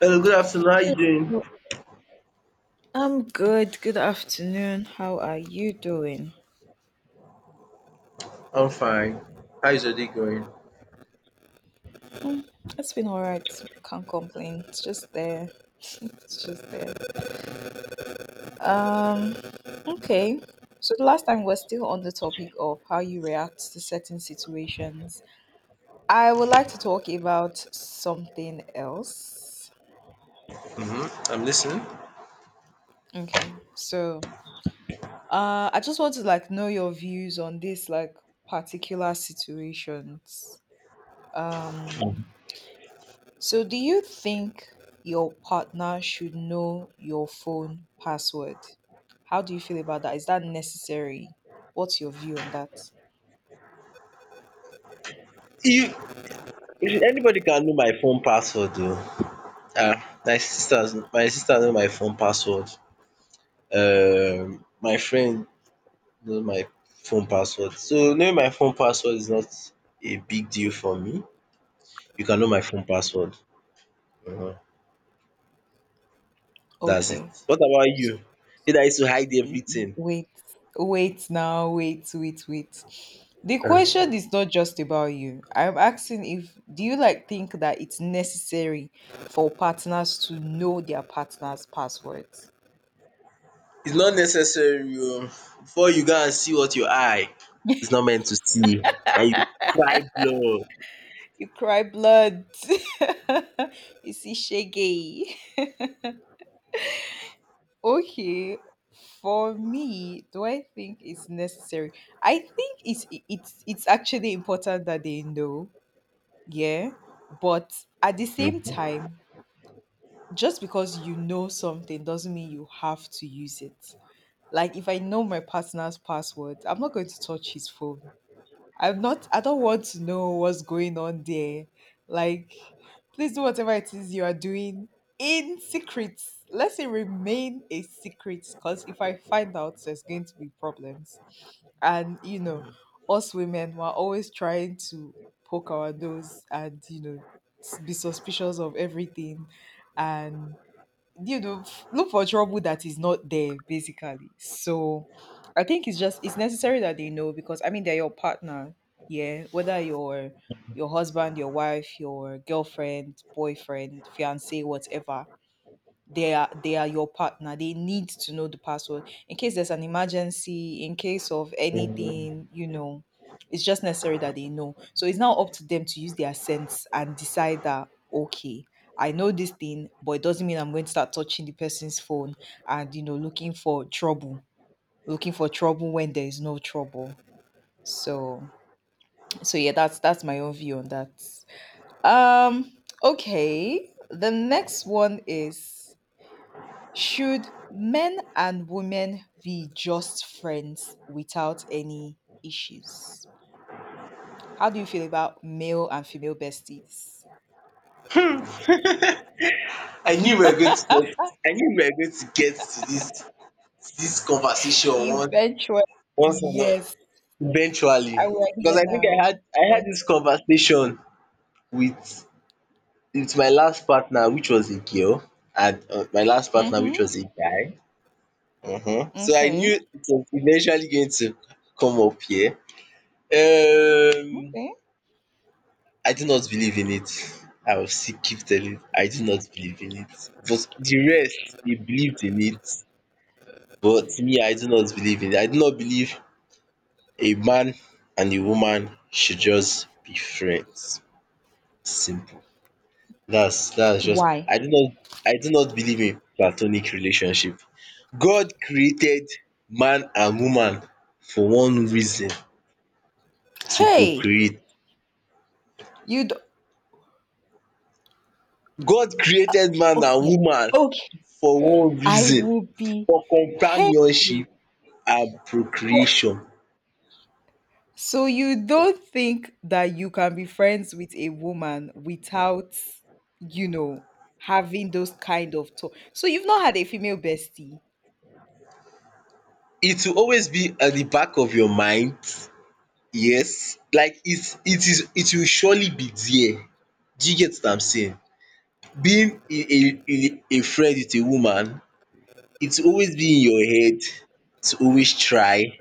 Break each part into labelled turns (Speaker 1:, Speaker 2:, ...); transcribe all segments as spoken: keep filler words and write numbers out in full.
Speaker 1: Hello, good afternoon. How you doing?
Speaker 2: Well, I'm good. Good afternoon. How are you doing?
Speaker 1: I'm fine. How is your day going?
Speaker 2: Mm, It's been all right. Can't complain. It's just there. It's just there. Um, okay. So the last time we're still on the topic of how you react to certain situations. I would like to talk about something else.
Speaker 1: Mm-hmm. I'm listening.
Speaker 2: Okay. So, uh, I just want to like know your views on this like particular situations. Um So, do you think your partner should know your phone password? How do you feel about that? Is that necessary? What's your view on that?
Speaker 1: You, Anybody can know my phone password though. Ah, my sister's my sister know my phone password. Um, my friend know my phone password. So knowing my phone password is not a big deal for me. You can know my phone password. Mhm. That's it.
Speaker 2: Okay.
Speaker 1: What about
Speaker 2: S-
Speaker 1: you? Did I used to hide
Speaker 2: n-
Speaker 1: everything.
Speaker 2: Wait, wait now, wait, wait, wait. The question is not just about you. I'm asking if do you like think that it's necessary for partners to know their partner's passwords?
Speaker 1: It's not necessary oh. Before you go and see what your eye is not meant to see and you cry blood.
Speaker 2: You cry blood. You see shaggy. Okay, for me, do I think it's necessary? I think it's it's it's actually important that they know, yeah. But at the same time, just because you know something doesn't mean you have to use it. Like if I know my partner's password, I'm not going to touch his phone. I'm not I don't want to know what's going on there. Like please do whatever it is you are doing in secret. Let it remain a secret because if I find out there's going to be problems. And you know, us women were always trying to poke our nose, and you know, s- be suspicious of everything, and you know, f- look for trouble that is not there basically. So I think it's just it's necessary that they know because I mean they're your partner, yeah, whether your your husband, your wife, your girlfriend, boyfriend, fiance, whatever they are, they are your partner. They need to know the password in case there's an emergency, in case of anything, you know. It's just necessary that they know. So it's now up to them to use their sense and decide that, okay, I know this thing, but it doesn't mean I'm going to start touching the person's phone and you know looking for trouble, looking for trouble when there is no trouble. So so yeah, that's that's my own view on that. um okay, the next one is, should men and women be just friends without any issues? How do you feel about male and female besties?
Speaker 1: I knew we were going to get I knew we were going to get to this to dis conversation once
Speaker 2: Eventually,
Speaker 1: once and all-
Speaker 2: yes,
Speaker 1: eventually,
Speaker 2: I we're
Speaker 1: because
Speaker 2: here
Speaker 1: I think I had
Speaker 2: now.
Speaker 1: I
Speaker 2: We're
Speaker 1: had this conversation with with my last partner, which was a girl, and um my last partner,
Speaker 2: Hmm.
Speaker 1: which was a guy um. So I
Speaker 2: Okay.
Speaker 1: knew it was eventually going to come up here Um,
Speaker 2: Okay.
Speaker 1: I do not believe in it. I will still keep telling I do not believe in it. But the rest, they believed in it. But me, I do not believe in it. I do not believe a man and a woman should just be friends. Simple. That's that's just
Speaker 2: Why?
Speaker 1: I do not I do not believe in platonic relationship. God created man and woman for one reason, to
Speaker 2: Hey,
Speaker 1: procreate.
Speaker 2: you'd
Speaker 1: God created man and
Speaker 2: okay.
Speaker 1: woman
Speaker 2: Okay.
Speaker 1: for one
Speaker 2: I
Speaker 1: reason,
Speaker 2: will be
Speaker 1: for
Speaker 2: hey
Speaker 1: companionship and
Speaker 2: for
Speaker 1: procreation.
Speaker 2: so you don't think that you can be friends with a woman without, you know, having those kind of talk. So you've not had a female bestie.
Speaker 1: It will always be at the back of your mind, yes, like it it is it will surely be there. Do you get what I'm saying? Being a a a friend with a woman, it will always be in your head to always try.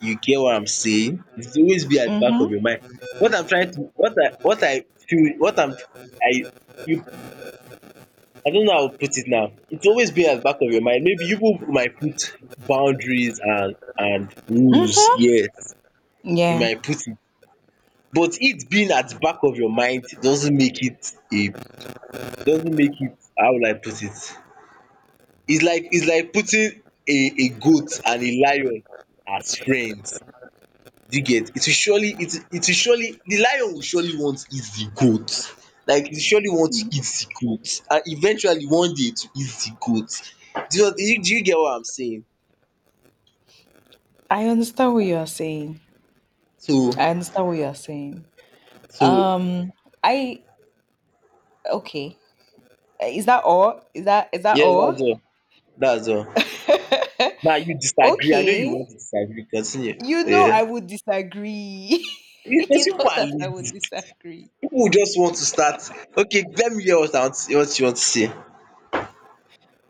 Speaker 1: You get what I'm saying? It will always be at the back of
Speaker 2: Mhm.
Speaker 1: your mind. What I'm trying to what I what I feel what I'm I you I don't know how to put it now. It's always been at the back of your mind. Maybe you people might put boundaries and and rules.
Speaker 2: Mhm.
Speaker 1: Yes, you
Speaker 2: Yeah.
Speaker 1: might put it, but it being at the back of your mind doesn't make it a doesn't make it How would I put it? It's like it's like putting a a goat and a lion as friends. Do you get? It will surely, it will it will surely, the lion will surely want to eat the goat. Like, it surely want to eat the goat and eventually one day to eat the goat. Do you do you do you get what I'm saying?
Speaker 2: I understand what you are saying.
Speaker 1: So,
Speaker 2: I understand what you are saying.
Speaker 1: so
Speaker 2: Um I okay. Is that all? Is that is that
Speaker 1: yeah,
Speaker 2: all?
Speaker 1: that's all. That's all. Now you disagree. I know you
Speaker 2: Okay.
Speaker 1: want to disagree. Continue.
Speaker 2: You know I
Speaker 1: Yeah.
Speaker 2: would disagree.
Speaker 1: Because
Speaker 2: You know
Speaker 1: people are
Speaker 2: that I would
Speaker 1: lazy.
Speaker 2: disagree.
Speaker 1: People will just want to start. Okay, let me hear what I want what you want to say.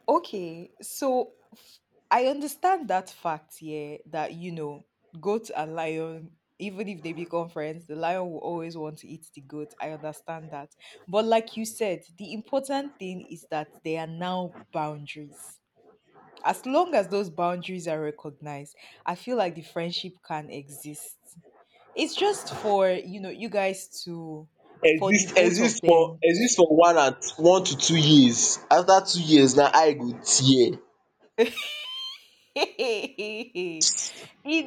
Speaker 2: Okay. So I understand that fact, yeah, that you know, goat and lion, even if they become friends, the lion will always want to eat the goat. I understand that. But like you said, the important thing is that there are now boundaries. As long as those boundaries are recognized, I feel like the friendship can exist. It's just for, you know, you guys to for the
Speaker 1: Exist
Speaker 2: both of
Speaker 1: exist for
Speaker 2: them.
Speaker 1: exist for one and one to two years. After two years now I go tear.
Speaker 2: It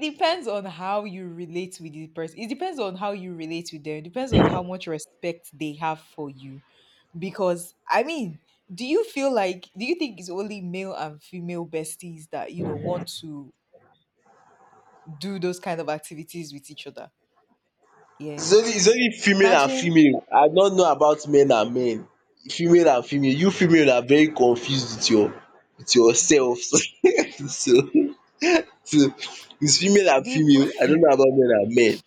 Speaker 2: depends on how you relate with the person. It depends on how you relate with them. It depends on how much respect they have for you. Because I mean, do you feel like do you think it's only male and female besties that you know want to do those kind of activities with each other? Yeah.
Speaker 1: It's only it's only female and
Speaker 2: Imagine
Speaker 1: female. I don't know about men and men. Female and female. You female are very confused with your with yourselves. so so so it's female and
Speaker 2: the
Speaker 1: female. I don't know about men and men.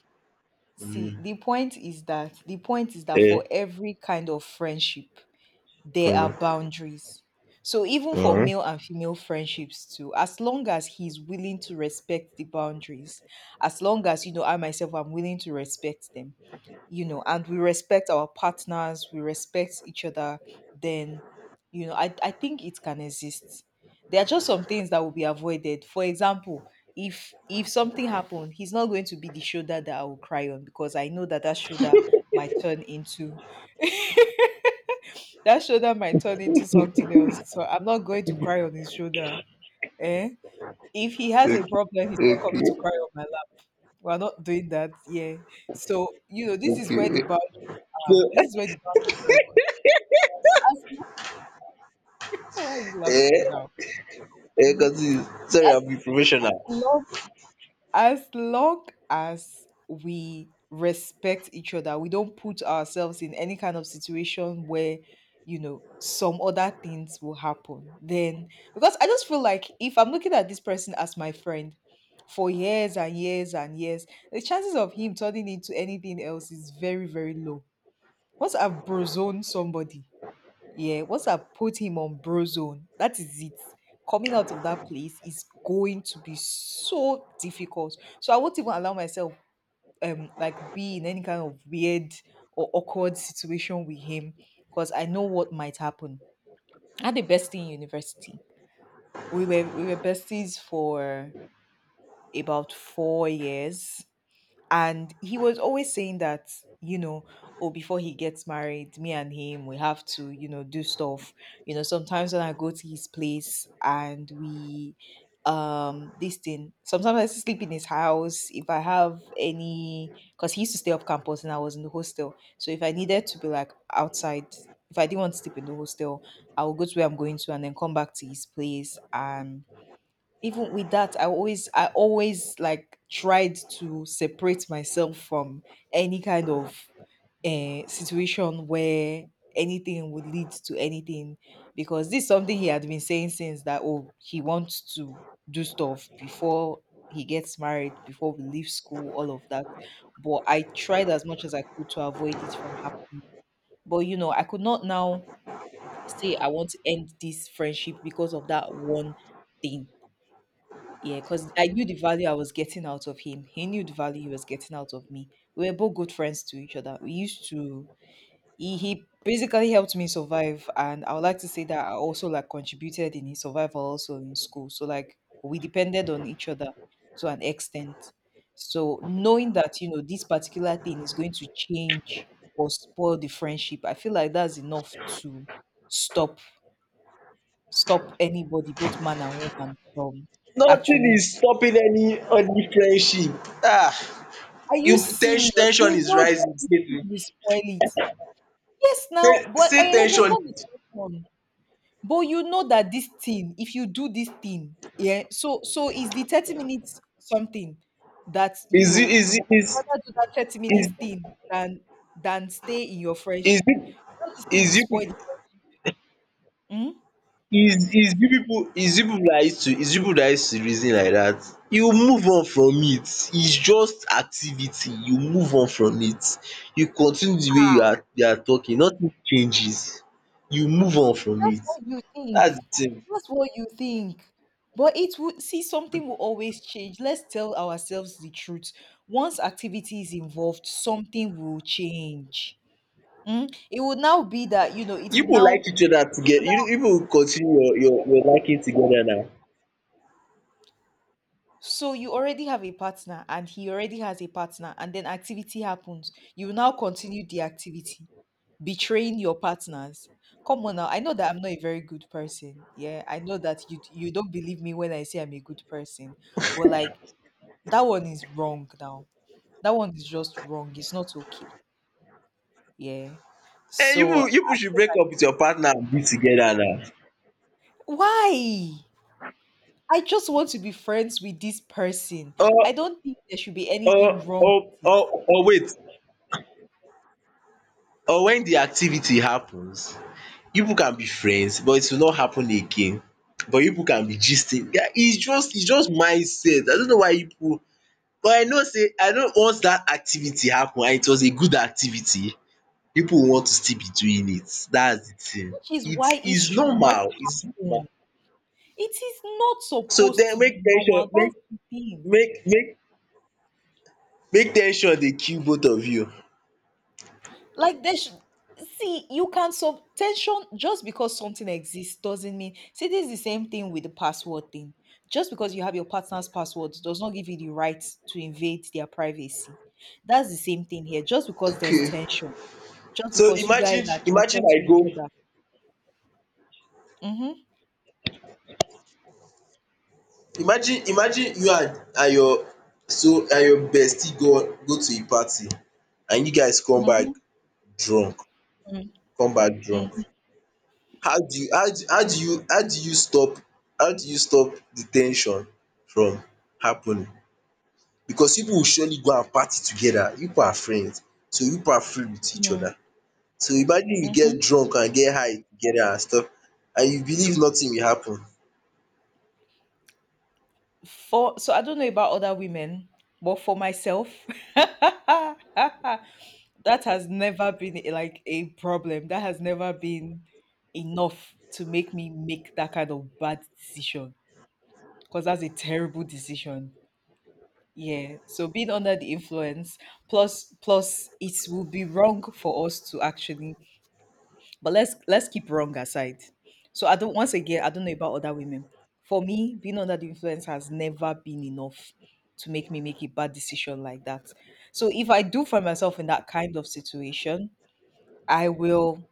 Speaker 2: see the point is that the point is that for
Speaker 1: Eh,
Speaker 2: every kind of friendship there are boundaries. So even for male and female friendships too, as long as he's willing to respect the boundaries, as long as you know I myself am willing to respect them, you know, and we respect our partners, we respect each other, then you know, I, I think it can exist. There are just some things that will be avoided. For example, if if something happened, he's not going to be the shoulder that I will cry on because I know that that shoulder might turn into that shoulder might turn into something else. So I'm not going to cry on his shoulder. Eh? If he has a problem, he's not coming to
Speaker 1: okay,
Speaker 2: cry on my lap. We're not doing that. Yeah. So, you know, this is
Speaker 1: okay,
Speaker 2: where the
Speaker 1: okay.
Speaker 2: bound
Speaker 1: So,
Speaker 2: are. This is where the boundary record. As long, why are you laughing
Speaker 1: eh,
Speaker 2: now?
Speaker 1: eh,
Speaker 2: Mhm.
Speaker 1: continue. Sorry I'm being
Speaker 2: As
Speaker 1: professional.
Speaker 2: long as long as we respect each other, we don't put ourselves in any kind of situation where, you know, some other things will happen. Then, because I just feel like if I'm looking at this person as my friend for years and years and years, the chances of him turning into anything else is very, very low. Once I've brozoned somebody, yeah, once I put him on bro zone, that is it. Coming out of that place is going to be so difficult. So I won't even allow myself um like be in any kind of weird or awkward situation with him because I know what might happen. I had the bestie in university. We were we were besties for about four years. And he was always saying that, you know, oh, before he gets married, me and him, we have to, you know, do stuff. You know, sometimes when I go to his place and we, um, this thing, sometimes I sleep in his house. If I have any, because he used to stay up campus and I was in the hostel. So if I needed to be like outside, if I didn't want to sleep in the hostel, I would go to where I'm going to and then come back to his place. And even with that, i always I always like tried to separate myself from any kind of uh, situation where anything would lead to anything, because this is something he had been saying since, that oh, he wants to do stuff before he gets married, before we leave school, all of that. But I tried as much as I could to avoid it from happening. But you know, I could not now say I want to end this friendship because of that one thing. Yeah, because I knew the value I was getting out of him. He knew the value he was getting out of me. We were both good friends to each other. We used to he, he basically helped me survive, and I would like to say that I also like contributed in his survival also in school. So like we depended on each other to an extent. So knowing that, you know, this particular thing is going to change or spoil the friendship, I feel like that's enough to stop stop anybody, both man and woman, from
Speaker 1: Nothing
Speaker 2: actually.
Speaker 1: is stopping any any friendship. Ah
Speaker 2: Are you
Speaker 1: you, ten
Speaker 2: serious?
Speaker 1: tension ten sion
Speaker 2: You
Speaker 1: is
Speaker 2: know that
Speaker 1: rising.
Speaker 2: this thing
Speaker 1: Say
Speaker 2: will spoil it. Yes,
Speaker 1: ten
Speaker 2: now, but I
Speaker 1: say ten sion
Speaker 2: understand the tension. But you know that this thing, if you do this thing, yeah, so so is the thirty minutes something that you
Speaker 1: is
Speaker 2: know
Speaker 1: is is
Speaker 2: rather do that thirty
Speaker 1: is
Speaker 2: minutes thing than than stay in your
Speaker 1: Is
Speaker 2: friendship.
Speaker 1: it
Speaker 2: You know this thing
Speaker 1: is
Speaker 2: will
Speaker 1: is you
Speaker 2: spoil
Speaker 1: peo
Speaker 2: the friendship. Hmm?
Speaker 1: is is you pipu is you pipu that used to is you pipu that used to reason like that? You move on from it. It's just activity. You move on from it. You continue the way you are you are talking. Nothing changes. You move on from
Speaker 2: That's
Speaker 1: it.
Speaker 2: what you think.
Speaker 1: That's the thing.
Speaker 2: That's what you think. But it would see something will always change. Let's tell ourselves the truth. Once activity is involved, something will change. Mm? It would now be that you know it
Speaker 1: You
Speaker 2: would
Speaker 1: pipu
Speaker 2: now
Speaker 1: like each other together. you you pipu continue your your your liking together now.
Speaker 2: so you already have a partner and he already has a partner and then activity happens. You will now continue the activity, betraying your partners. Come on now, I know that I'm not a very good person. Yeah, I know that you you don't believe me when I say I'm a good person. But like that one is wrong now. That one is just wrong. It's not okay. Yeah.
Speaker 1: um you pipu
Speaker 2: So I
Speaker 1: you pipu should
Speaker 2: feel
Speaker 1: break
Speaker 2: like
Speaker 1: up with your partner and be together now.
Speaker 2: why? I just want to be friends with this person. I
Speaker 1: Or
Speaker 2: don't think there should be
Speaker 1: or
Speaker 2: anything wrong
Speaker 1: or
Speaker 2: with it.
Speaker 1: or or wait or when the activity happens, you pipu can be friends but it will not happen again, but you pipu can be gisting. Yeah, its just its just mindset. I no know why you pipu, but I know sey I know once dat activity happen and it was a good activity, pipu will want to still be doing it. Dats de thing.
Speaker 2: Which is why it
Speaker 1: Its
Speaker 2: should not
Speaker 1: normal, its normal.
Speaker 2: happen. It is not
Speaker 1: So
Speaker 2: supposed
Speaker 1: then
Speaker 2: to be
Speaker 1: make ten sion
Speaker 2: normal. That's
Speaker 1: make
Speaker 2: the thing.
Speaker 1: make make make ten sion dey kill both of you.
Speaker 2: Like they should see you can sub tension just because something exists doesn't mean see this is the same thing with the password thing. Just because you have your partner's password does not give you the right to invade their privacy. That's the same thing here. Just because there's
Speaker 1: Okay.
Speaker 2: tension, just
Speaker 1: so
Speaker 2: because you guys
Speaker 1: imagine
Speaker 2: are
Speaker 1: imagine
Speaker 2: attracted
Speaker 1: I
Speaker 2: to
Speaker 1: go
Speaker 2: each other. Mm-hmm,
Speaker 1: imagine imagine you and and your so and your bestie go go to a party and you guys come back
Speaker 2: mm-hmm,
Speaker 1: drunk,
Speaker 2: mm-hmm,
Speaker 1: come back drunk how do you how do how do you how do you stop how do you stop the ten sion from happening? Because you pipu will surely go and party together. You pipu are friends, so you pipu are free with each other.
Speaker 2: mm-hmm,
Speaker 1: So imagine you get
Speaker 2: mm-hmm.
Speaker 1: drunk and get high together and stuff, and you believe nothing will happen.
Speaker 2: For so I don't know about other women, but for myself, that has never been like a problem. That has never been enough to make me make that kind of bad decision because that's a terrible decision. Yeah. So being under the influence, plus plus it will be wrong for us to actually. But let's let's keep wrong aside. So I don't once again, I don't know about other women. For me, being under the influence has never been enough to make me make a bad decision like that. So if I do find myself in that kind of situation, I will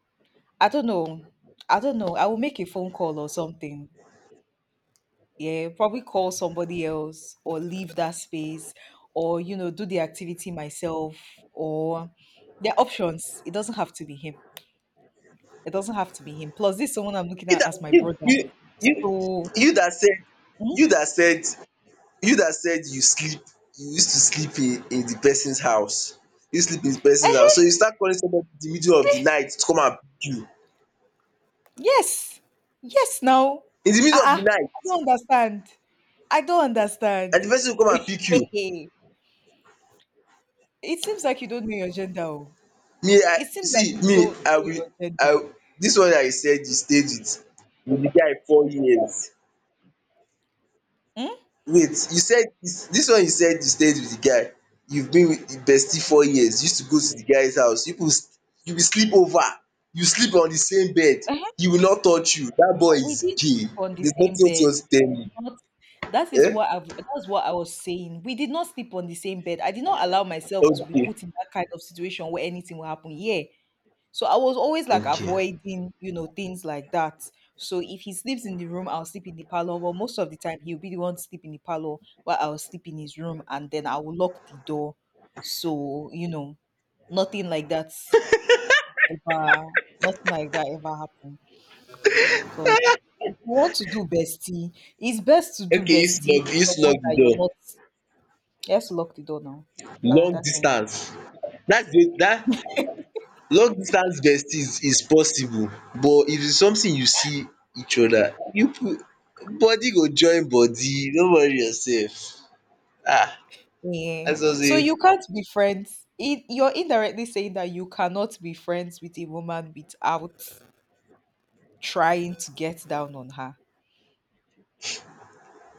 Speaker 2: I don't know. I don't know. I will make a phone call or something. Yeah, probably call somebody else or leave that space or, you know, do the activity myself or there are options. It doesn't have to be him. It doesn't have to be him. Plus, this someone I'm looking
Speaker 1: you
Speaker 2: at
Speaker 1: dat
Speaker 2: as my
Speaker 1: you
Speaker 2: brother.
Speaker 1: you you
Speaker 2: So,
Speaker 1: you dat said
Speaker 2: mm,
Speaker 1: you dat said You dat said you sleep, you used to sleep in in the person's house. You sleep in the person's house,
Speaker 2: eh,
Speaker 1: so you start calling somebody in the middle of the night to come and pick you.
Speaker 2: yes. Yes, now.
Speaker 1: In the middle of
Speaker 2: Uh-uh.
Speaker 1: the night,
Speaker 2: I don't understand. I don't
Speaker 1: and
Speaker 2: understand.
Speaker 1: the person go come and pick you.
Speaker 2: It seems like you don't know your gender. Oh.
Speaker 1: Me I,
Speaker 2: It seems like
Speaker 1: see
Speaker 2: you
Speaker 1: me
Speaker 2: don't
Speaker 1: I
Speaker 2: know
Speaker 1: will
Speaker 2: your
Speaker 1: I
Speaker 2: gender.
Speaker 1: Dis one wey I said you stayed with with the guy four years.
Speaker 2: Hmm?
Speaker 1: Wait, you said dis dis one you said you stayed with the guy, you've been with the bestie four years, you used to go to the guy's house, you pipu you will sleep over, you sleep on the same bed, he will not touch you, dat boy
Speaker 2: But we
Speaker 1: is
Speaker 2: did
Speaker 1: gay,
Speaker 2: sleep on the
Speaker 1: there's
Speaker 2: same
Speaker 1: nothing else you
Speaker 2: bed.
Speaker 1: want to tell
Speaker 2: We
Speaker 1: me
Speaker 2: did not that is
Speaker 1: um.
Speaker 2: what I've that's what I was saying. We did not sleep on the same bed. I did not allow myself to be
Speaker 1: Okay,
Speaker 2: put in that kind of situation where anything will happen. Yeah. So I was always like
Speaker 1: okay,
Speaker 2: avoiding, you know, things like that. So if he sleeps in the room, I'll sleep in the parlor. But most of the time he'll be the one to sleep in the parlor while I'll sleep in his room and then I will lock the door. So, you know, nothing like that ever nothing like that ever happened. So if you want to do bestie, it's best to do
Speaker 1: okay. you
Speaker 2: bestie
Speaker 1: slug
Speaker 2: with
Speaker 1: you slug
Speaker 2: someone
Speaker 1: the
Speaker 2: that you're
Speaker 1: door.
Speaker 2: not. Let's lock the door now. Ah,
Speaker 1: Long
Speaker 2: that kind.
Speaker 1: distance, dats the dat long distance besties is possible, but if it's something you see each other, you pipu, body go join body, no worry yourself. Ah,
Speaker 2: Yeah.
Speaker 1: as
Speaker 2: So
Speaker 1: Azozie,
Speaker 2: you can't be friends. It, you're indirectly saying that you cannot be friends with a woman without trying to get down on her.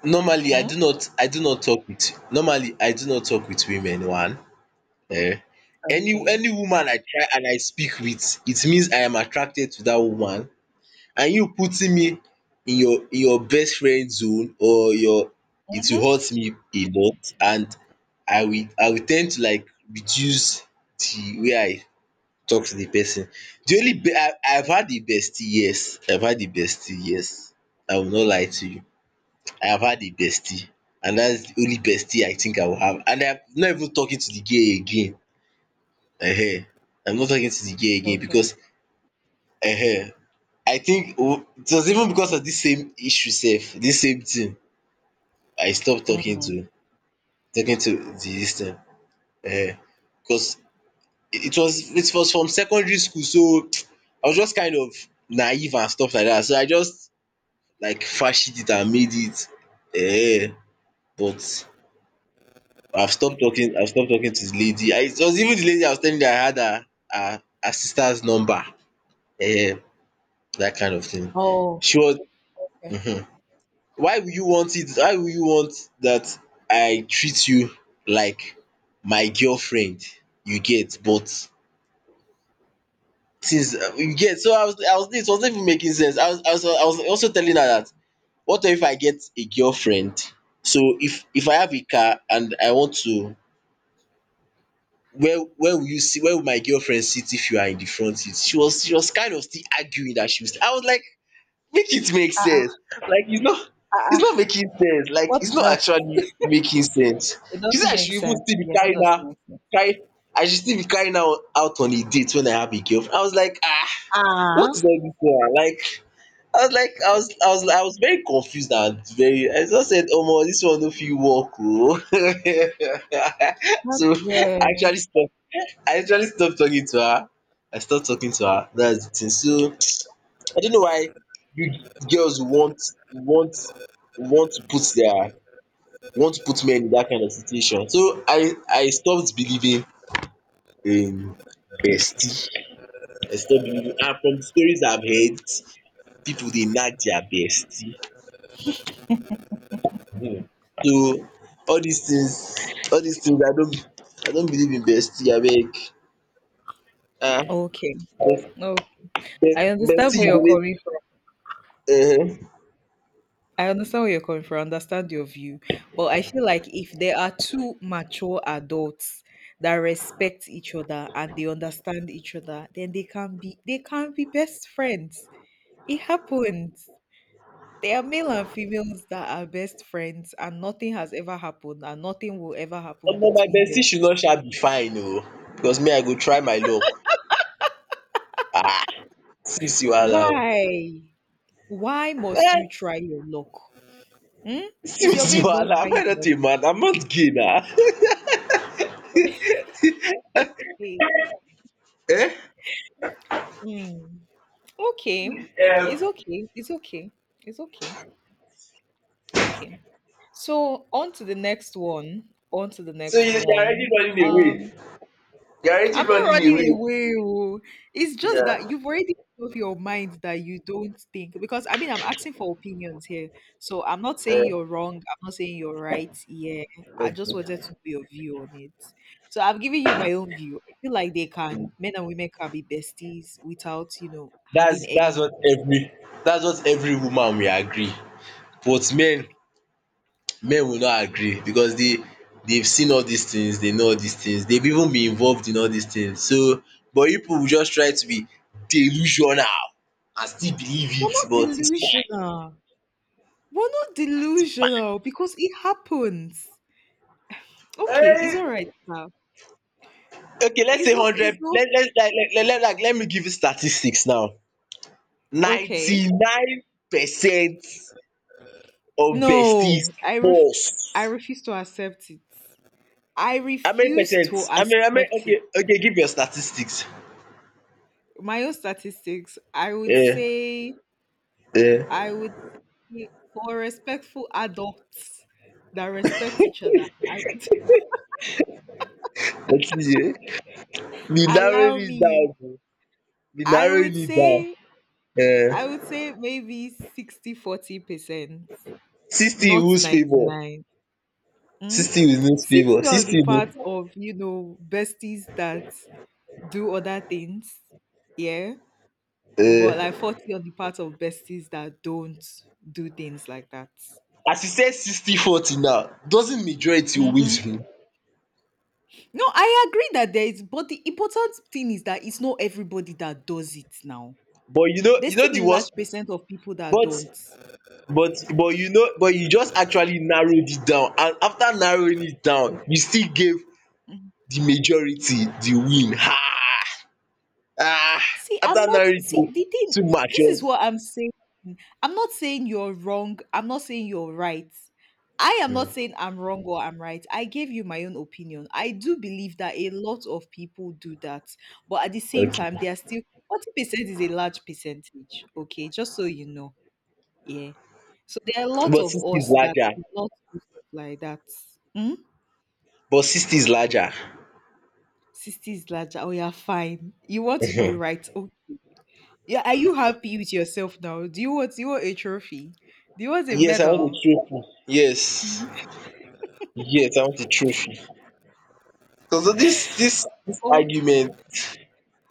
Speaker 1: normally I
Speaker 2: Mm?
Speaker 1: do not I do not talk with normally I do not talk with women one um any
Speaker 2: Okay.
Speaker 1: any woman I try and I speak with, it means I am attracted to that woman. And you putting me in your in your best friend zone or your it
Speaker 2: Mm-hmm.
Speaker 1: will hurt me a lot, and I will I will tend to like reduce the way I talk to the person. The only be I I've had the bestie, yes, I've had the bestie yes, I will not lie to you, I have had a bestie, and that's the only bestie I think I will have. And I'm not even talking to the girl again. um I'm not talking to the girl again,
Speaker 2: Okay.
Speaker 1: because um I think, oh, it was even because of dis same issue sef dis same thing I stopped talking
Speaker 2: Mm.
Speaker 1: to, talking to the dis thing um because it was it was from secondary school, so I was just kind of naive and stuff like that. So I just like fashioned it and made it um but I've stopped talking. I've stopped talking to the lady. I, it was even the lady I was telling you that I had her, her, her sister's number. Eh, that kind of thing.
Speaker 2: Oh,
Speaker 1: She was.
Speaker 2: okay.
Speaker 1: Mhm. Why would you want it? Why would you want that I treat you like my girlfriend? You get, but since uh, you get, so I was. I was. It wasn't even making sense. I was. I was. I was also telling her that what if I get a girlfriend? So if if I have a car and I want to where where will you see where will my girlfriend sit if you are in the front seat? She was she was kind of still arguing that she was i was like, make it make sense. Like it's not it's not making sense. Like
Speaker 2: What's
Speaker 1: it's not
Speaker 2: that?
Speaker 1: actually making sense.
Speaker 2: It
Speaker 1: She
Speaker 2: doesn't
Speaker 1: said I should
Speaker 2: make
Speaker 1: even
Speaker 2: sense.
Speaker 1: still be
Speaker 2: Yeah, that
Speaker 1: carrying
Speaker 2: doesn't
Speaker 1: her,
Speaker 2: make sense.
Speaker 1: carry I should still be carrying her out on a date when I have a girlfriend. I was like, ah,
Speaker 2: Ah,
Speaker 1: what is all this one like? I was like I was I was I was very confused, and very I just said, omo, this one no fit work oo.
Speaker 2: that,
Speaker 1: So i
Speaker 2: yeah.
Speaker 1: actually stop I literally stopped talking to her. I stopped talking to her. That's the thing. So I don't know why you girls want, want want to put their want to put men in that kind of situation. So I I stopped believing in bestie. I stopped believing, and from the stories I've heard, people dey nag their bestie. um So all these things all these things I don't, I don't believe in bestie abeg. um
Speaker 2: Okay. Okay. I understand
Speaker 1: Bestie
Speaker 2: where
Speaker 1: you
Speaker 2: you're
Speaker 1: go
Speaker 2: coming from.
Speaker 1: dey. um
Speaker 2: I understand where you're coming from, I understand your view, but I feel like if there are two mature adults that respect each other and they understand each other, then they can be they can be best friends. It happens. There are male and females that are best friends and nothing has ever happened and nothing will ever happen
Speaker 1: Omo, my
Speaker 2: between
Speaker 1: bestie
Speaker 2: them.
Speaker 1: should not sha be fine oo, because me I go try my luck. um See, you see wahala oo.
Speaker 2: Why? Why must you
Speaker 1: um
Speaker 2: try your luck? Hmm?
Speaker 1: See,
Speaker 2: Is
Speaker 1: you
Speaker 2: your
Speaker 1: see
Speaker 2: babe not
Speaker 1: wahala, am
Speaker 2: fine
Speaker 1: I not
Speaker 2: enough?
Speaker 1: a man? I'm not gay na. um
Speaker 2: Hmm. Okay. It's
Speaker 1: um
Speaker 2: okay. It's okay. It's okay. Okay. So on to the next one. On to the
Speaker 1: so you
Speaker 2: next
Speaker 1: you are already
Speaker 2: one.
Speaker 1: running away
Speaker 2: Um,
Speaker 1: you are already
Speaker 2: I'm not
Speaker 1: running
Speaker 2: running
Speaker 1: away
Speaker 2: away. Oh. It's just that
Speaker 1: Yeah.
Speaker 2: you've already made up your mind that you don't think because I mean I'm asking for opinions here. So I'm not saying you're wrong. I'm not saying you're right. Yeah. I just wanted to know
Speaker 1: um
Speaker 2: your view on it. So I'm giving you my own view. I feel like they can men and women can be besties without, you know, having
Speaker 1: that's that's
Speaker 2: any.
Speaker 1: what every that's what every woman will agree, but men men will not agree because they they've seen all these things, they know all these things, they've even been involved in all these things. So, but you people will just try to be delusional and still believe
Speaker 2: We're
Speaker 1: it,
Speaker 2: not
Speaker 1: but it's
Speaker 2: delusional. We're not delusional because it happens. Okay, it's all
Speaker 1: fine. Eh,
Speaker 2: right now.
Speaker 1: okay, let's
Speaker 2: It's
Speaker 1: say
Speaker 2: not. It's
Speaker 1: hundred.
Speaker 2: not
Speaker 1: Let let like let, let, like let me give you statistics now.
Speaker 2: okay.
Speaker 1: Ninety-nine percent of besties,
Speaker 2: No, I ref- I
Speaker 1: false.
Speaker 2: refuse to accept it. I
Speaker 1: How many
Speaker 2: refuse to
Speaker 1: percent? I mean, I mean,
Speaker 2: accept it.
Speaker 1: okay, okay. Give your statistics.
Speaker 2: My own statistics. I would
Speaker 1: Yeah,
Speaker 2: say.
Speaker 1: yeah.
Speaker 2: I would say for respectful adults that respect each other. I would
Speaker 1: What is it? We narrowed
Speaker 2: allow
Speaker 1: it
Speaker 2: me.
Speaker 1: down. Be
Speaker 2: I
Speaker 1: narrowing
Speaker 2: would
Speaker 1: it down.
Speaker 2: say. I would
Speaker 1: Um
Speaker 2: say maybe sixty forty percent.
Speaker 1: sixty in
Speaker 2: Not
Speaker 1: whose favour?
Speaker 2: ninety-nine. Mm?
Speaker 1: Sixty in whose favour?
Speaker 2: sixty on the
Speaker 1: Sixty in
Speaker 2: part of, you know, besties that do other things. Yeah. But like
Speaker 1: um
Speaker 2: forty on the part of besties that don't do things like that.
Speaker 1: as you said, sixty forty now, doesn't majority
Speaker 2: Mm-hmm.
Speaker 1: always win?
Speaker 2: No, I agree that there is, but the important thing is that it's not everybody that does it now.
Speaker 1: But you know
Speaker 2: There's
Speaker 1: you
Speaker 2: still
Speaker 1: know the
Speaker 2: a large
Speaker 1: worst,
Speaker 2: percent of people that
Speaker 1: but
Speaker 2: don't.
Speaker 1: but but you know but you just actually narrowed it down, and after narrowing it down you still gave the majority the win. Ha! Ah!
Speaker 2: See, I'm
Speaker 1: After
Speaker 2: not
Speaker 1: narrowing it
Speaker 2: see
Speaker 1: down
Speaker 2: the thing.
Speaker 1: too much,
Speaker 2: This
Speaker 1: eh?
Speaker 2: is what I'm saying. I'm not saying you're wrong. I'm not saying you're right. I am not saying I'm wrong or I'm right. I gave you my own opinion. I do believe that a lot of people do that, but at the same
Speaker 1: Okay,
Speaker 2: time, they are still forty percent is a large percentage. Okay, just so you know, yeah. So there are a lot
Speaker 1: but
Speaker 2: of
Speaker 1: sixty is
Speaker 2: us that
Speaker 1: larger,
Speaker 2: do not do stuff like that. Hmm?
Speaker 1: but sixty is larger.
Speaker 2: Sixty is larger. Oh, yeah, fine. You want to be right? Yeah, are you happy with yourself now? Do you want Do you want a trophy? Do you want a
Speaker 1: Yes, I want
Speaker 2: medal?
Speaker 1: dey throw. Yes. Yes, I want the truth. Because this, this this
Speaker 2: Oh,
Speaker 1: argument,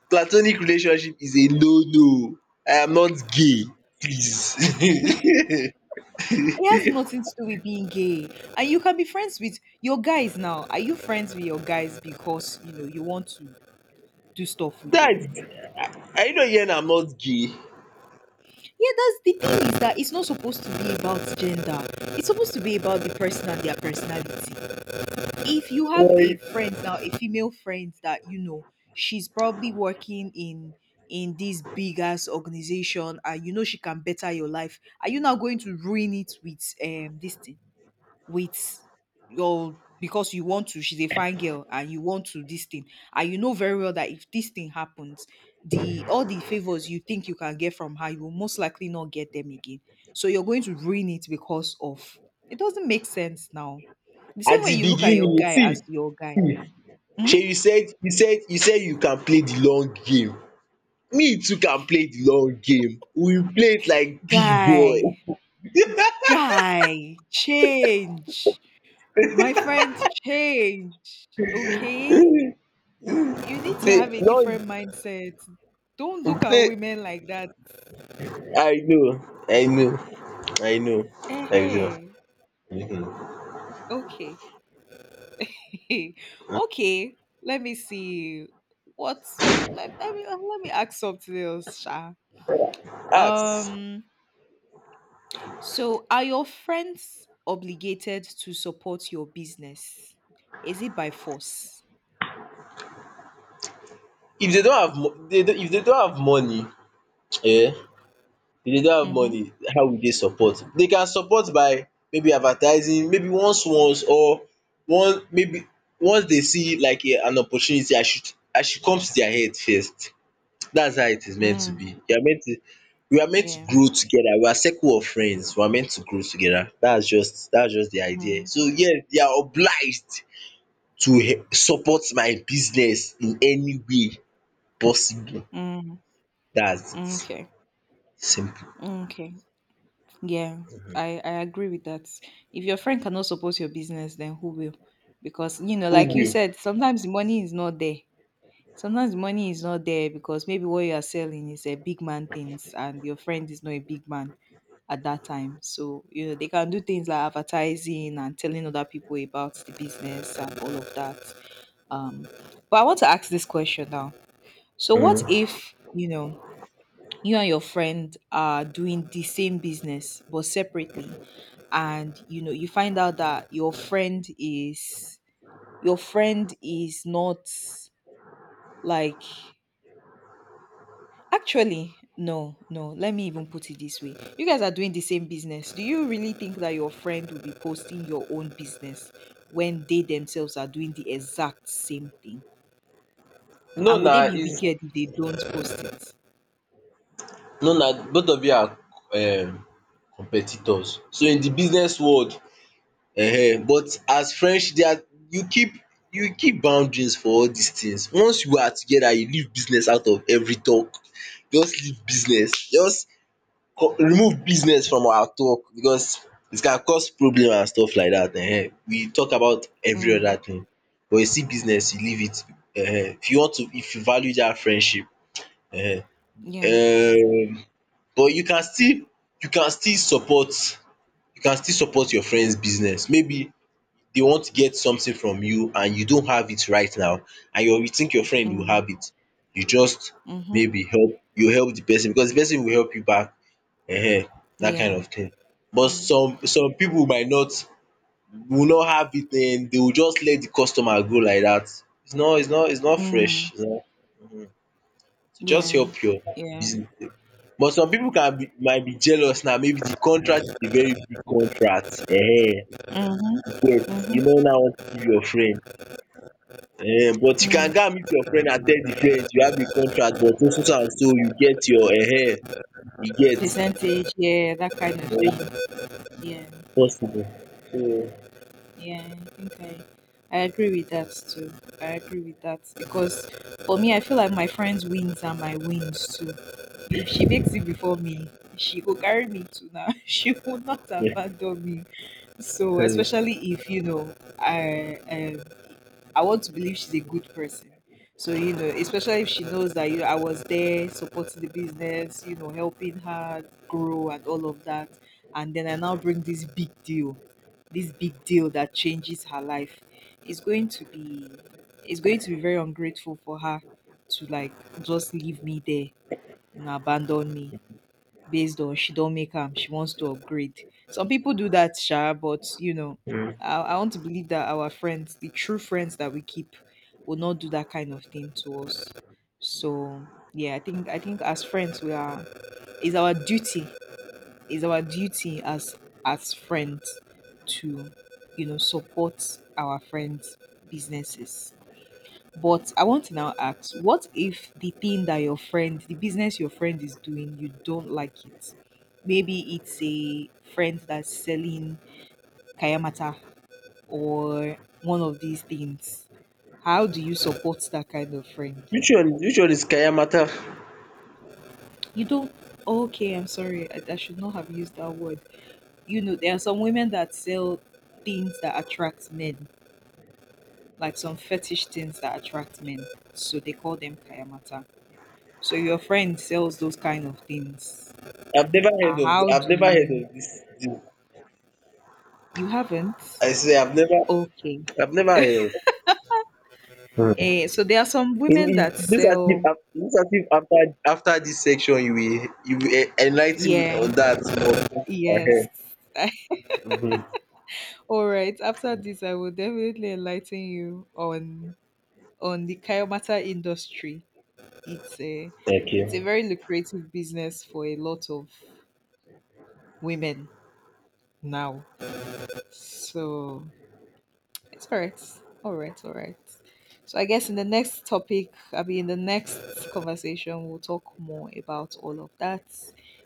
Speaker 1: platonic relationship is a no no. I am not gay. Please.
Speaker 2: it has nothing to do with being gay. And you can be friends with your guys now. Are you friends with your guys because you know you want to do stuff with them?
Speaker 1: Guys, I you not hear, I'm not gay.
Speaker 2: Yeah, that's the thing is that it's not supposed to be about gender. It's supposed to be about the person and their personality. If you have
Speaker 1: Well,
Speaker 2: a friend now, a female friend that you know, she's probably working in in this big ass organization and you know she can better your life, are you now going to ruin it with um this thing? With your because you want to she's a fine girl and you want to this thing and you know very well that if this thing happens the all the favors you think you can get from her you will most likely not get them again, so you're going to ruin it because of it doesn't make sense now the same
Speaker 1: at
Speaker 2: way
Speaker 1: the
Speaker 2: you look at your
Speaker 1: beginning,
Speaker 2: guy as
Speaker 1: see,
Speaker 2: your guy.
Speaker 1: see.
Speaker 2: Hmm?
Speaker 1: Shey you said you said you said you can play the long game. Me too can play the long game. We play it like big boy.
Speaker 2: guy guy change, my friend, change. Okay, you need to have
Speaker 1: play
Speaker 2: a
Speaker 1: long
Speaker 2: different mindset. Don't look at
Speaker 1: play
Speaker 2: women like that.
Speaker 1: I know, I know, I know.
Speaker 2: Eh,
Speaker 1: I know.
Speaker 2: okay, okay. Let me see. What's oh, let, me- let me let me ask something else, Sha.
Speaker 1: Ask.
Speaker 2: Um, so are your friends obligated to support your business? Is it by force?
Speaker 1: If they don't have mo dey don if dey don have money, yeah, if they don't have
Speaker 2: Mm-hmm.
Speaker 1: money, how will they support? They can support by maybe advertising, maybe once once or one maybe once they see like a, an opportunity, I should I should come to their head first. That's how it is meant to
Speaker 2: Mm,
Speaker 1: be. You are meant to We are meant to
Speaker 2: yeah.
Speaker 1: grow together, we are circle of friends, we are meant to grow together. that's just that's just the idea.
Speaker 2: Mm,
Speaker 1: So yes, they are obliged to he- support my business in any way possible.
Speaker 2: mm,
Speaker 1: That's
Speaker 2: mm.
Speaker 1: it.
Speaker 2: Okay.
Speaker 1: Simple.
Speaker 2: Mm, okay. Yeah, I, I agree with that. If your friend cannot support your business, then who will? Because, you know,
Speaker 1: Who
Speaker 2: like you
Speaker 1: will?
Speaker 2: said, sometimes the money is not there. Sometimes the money is not there because maybe what you are selling is a big man things and your friend is not a big man at that time. So, you know, they can do things like advertising and telling other people about the business and all of that. Um, but I want to ask this question now. So what if, you know, you and your friend are doing the same business but separately and you know you find out that your friend is your friend is not like actually no no let me even put it this way, you guys are doing the same business, do you really think that your friend will be posting your own business when they themselves are doing the exact same thing
Speaker 1: No
Speaker 2: and would
Speaker 1: na
Speaker 2: they be
Speaker 1: is
Speaker 2: wicked if they don't post it?
Speaker 1: no na, both of you are um competitors. So in the business world, um but as friendship, there are you keep you keep boundaries for all dis things. Once you are together, you leave business out of every talk. Just leave business. Just co- remove business from our talk because it can cause problem and stuff like dat um. We talk about every
Speaker 2: Mm,
Speaker 1: other thing, but you see business, you leave it um. If you want to if you value dat friendship.
Speaker 2: yeah,
Speaker 1: um but you can still you can still support you can still support your friends business, maybe they want to get something from you and you don't have it right now, and your you think your friend will have
Speaker 2: mm,
Speaker 1: it, you just
Speaker 2: mm-hmm,
Speaker 1: maybe help you help the person because the person will help you back. um that
Speaker 2: yeah,
Speaker 1: kind of thing. But
Speaker 2: mm,
Speaker 1: some some people might not will not have it, then they will just let the customer go like that. It's not it's not it's not
Speaker 2: mm.
Speaker 1: fresh to just
Speaker 2: Yeah.
Speaker 1: help your
Speaker 2: Yeah.
Speaker 1: business um. But some pipu can be might be jealous now, maybe de contract is a very big contract um
Speaker 2: Mhm.
Speaker 1: You get, you no
Speaker 2: Mhm.
Speaker 1: now want give your friend um But you can
Speaker 2: Mm.
Speaker 1: go and meet your friend and tell de friend you have a contract, but so so so and so. You get your um you get
Speaker 2: Percentage. Yeah, that kind of
Speaker 1: um
Speaker 2: thing. Yeah.
Speaker 1: possible. So
Speaker 2: Yeah. I think I, I agree with that too. I agree with that because for me, I feel like my friends' wins are my wins too. If she makes it before me, she will carry me to now. She will not
Speaker 1: yeah.
Speaker 2: abandon me. So
Speaker 1: um
Speaker 2: especially if you know, I um I want to believe she's a good person. So, you know, especially if she knows that you know, I was there supporting the business, you know, helping her grow and all of that. And then I now bring this big deal, this big deal that changes her life. It's going to be it's going to be very ungrateful for her to like just leave me there, you know, abandon me based on she don't make them she wants to upgrade. Some people do that sha but you know I, I want to believe that our friends the true friends that we keep will not do that kind of thing to us. So yeah, i think I think as friends we are it's our duty it's our duty as as friends to you know support our friends businesses. But I want to now ask, what if the thing that your friend, the business your friend is doing, you don't like it? Maybe it's a friend that's selling kayamata or one of these things. How do you support that kind of friend?
Speaker 1: which one which one is Kayamata?
Speaker 2: You don't. Okay, I'm sorry. I, I should not have used that word. You know, there are some women that sell things that attract men, like some fetish things that attract men. So they call them kayamata. So your friend sells those kind of things.
Speaker 1: I've never
Speaker 2: Uh,
Speaker 1: heard of
Speaker 2: how
Speaker 1: I've
Speaker 2: do
Speaker 1: never heard of
Speaker 2: you?
Speaker 1: dis dis
Speaker 2: You haven't?
Speaker 1: I swear I've never
Speaker 2: Okay.
Speaker 1: I've never heard of am.
Speaker 2: Eh, so there are some
Speaker 1: In
Speaker 2: women that sell.
Speaker 1: initiative initiative, afta afta dis, as if after after dis section you will you will enligh ten me on
Speaker 2: Yeah.
Speaker 1: dat more. Ahem
Speaker 2: Yes.
Speaker 1: um
Speaker 2: All right. After this, I will definitely enlighten you on on the kayomata industry. It's a it's a
Speaker 1: okay.
Speaker 2: very lucrative business for a lot of women now. So it's all right. All right. All right. So I guess in the next topic, I'll be in the next conversation, we'll talk more about all of that.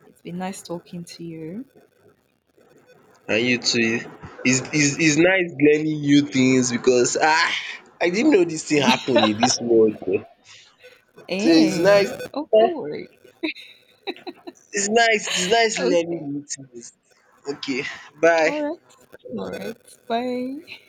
Speaker 2: It's been nice talking to you.
Speaker 1: And you too. Its its its nice learning new things because ah, I didn't know dis thing happen in dis world um So its nice
Speaker 2: Eh. Oh, don't worry.
Speaker 1: its nice its nice learning
Speaker 2: Okay.
Speaker 1: new things. Okay, bye.
Speaker 2: All right. All right. Bye.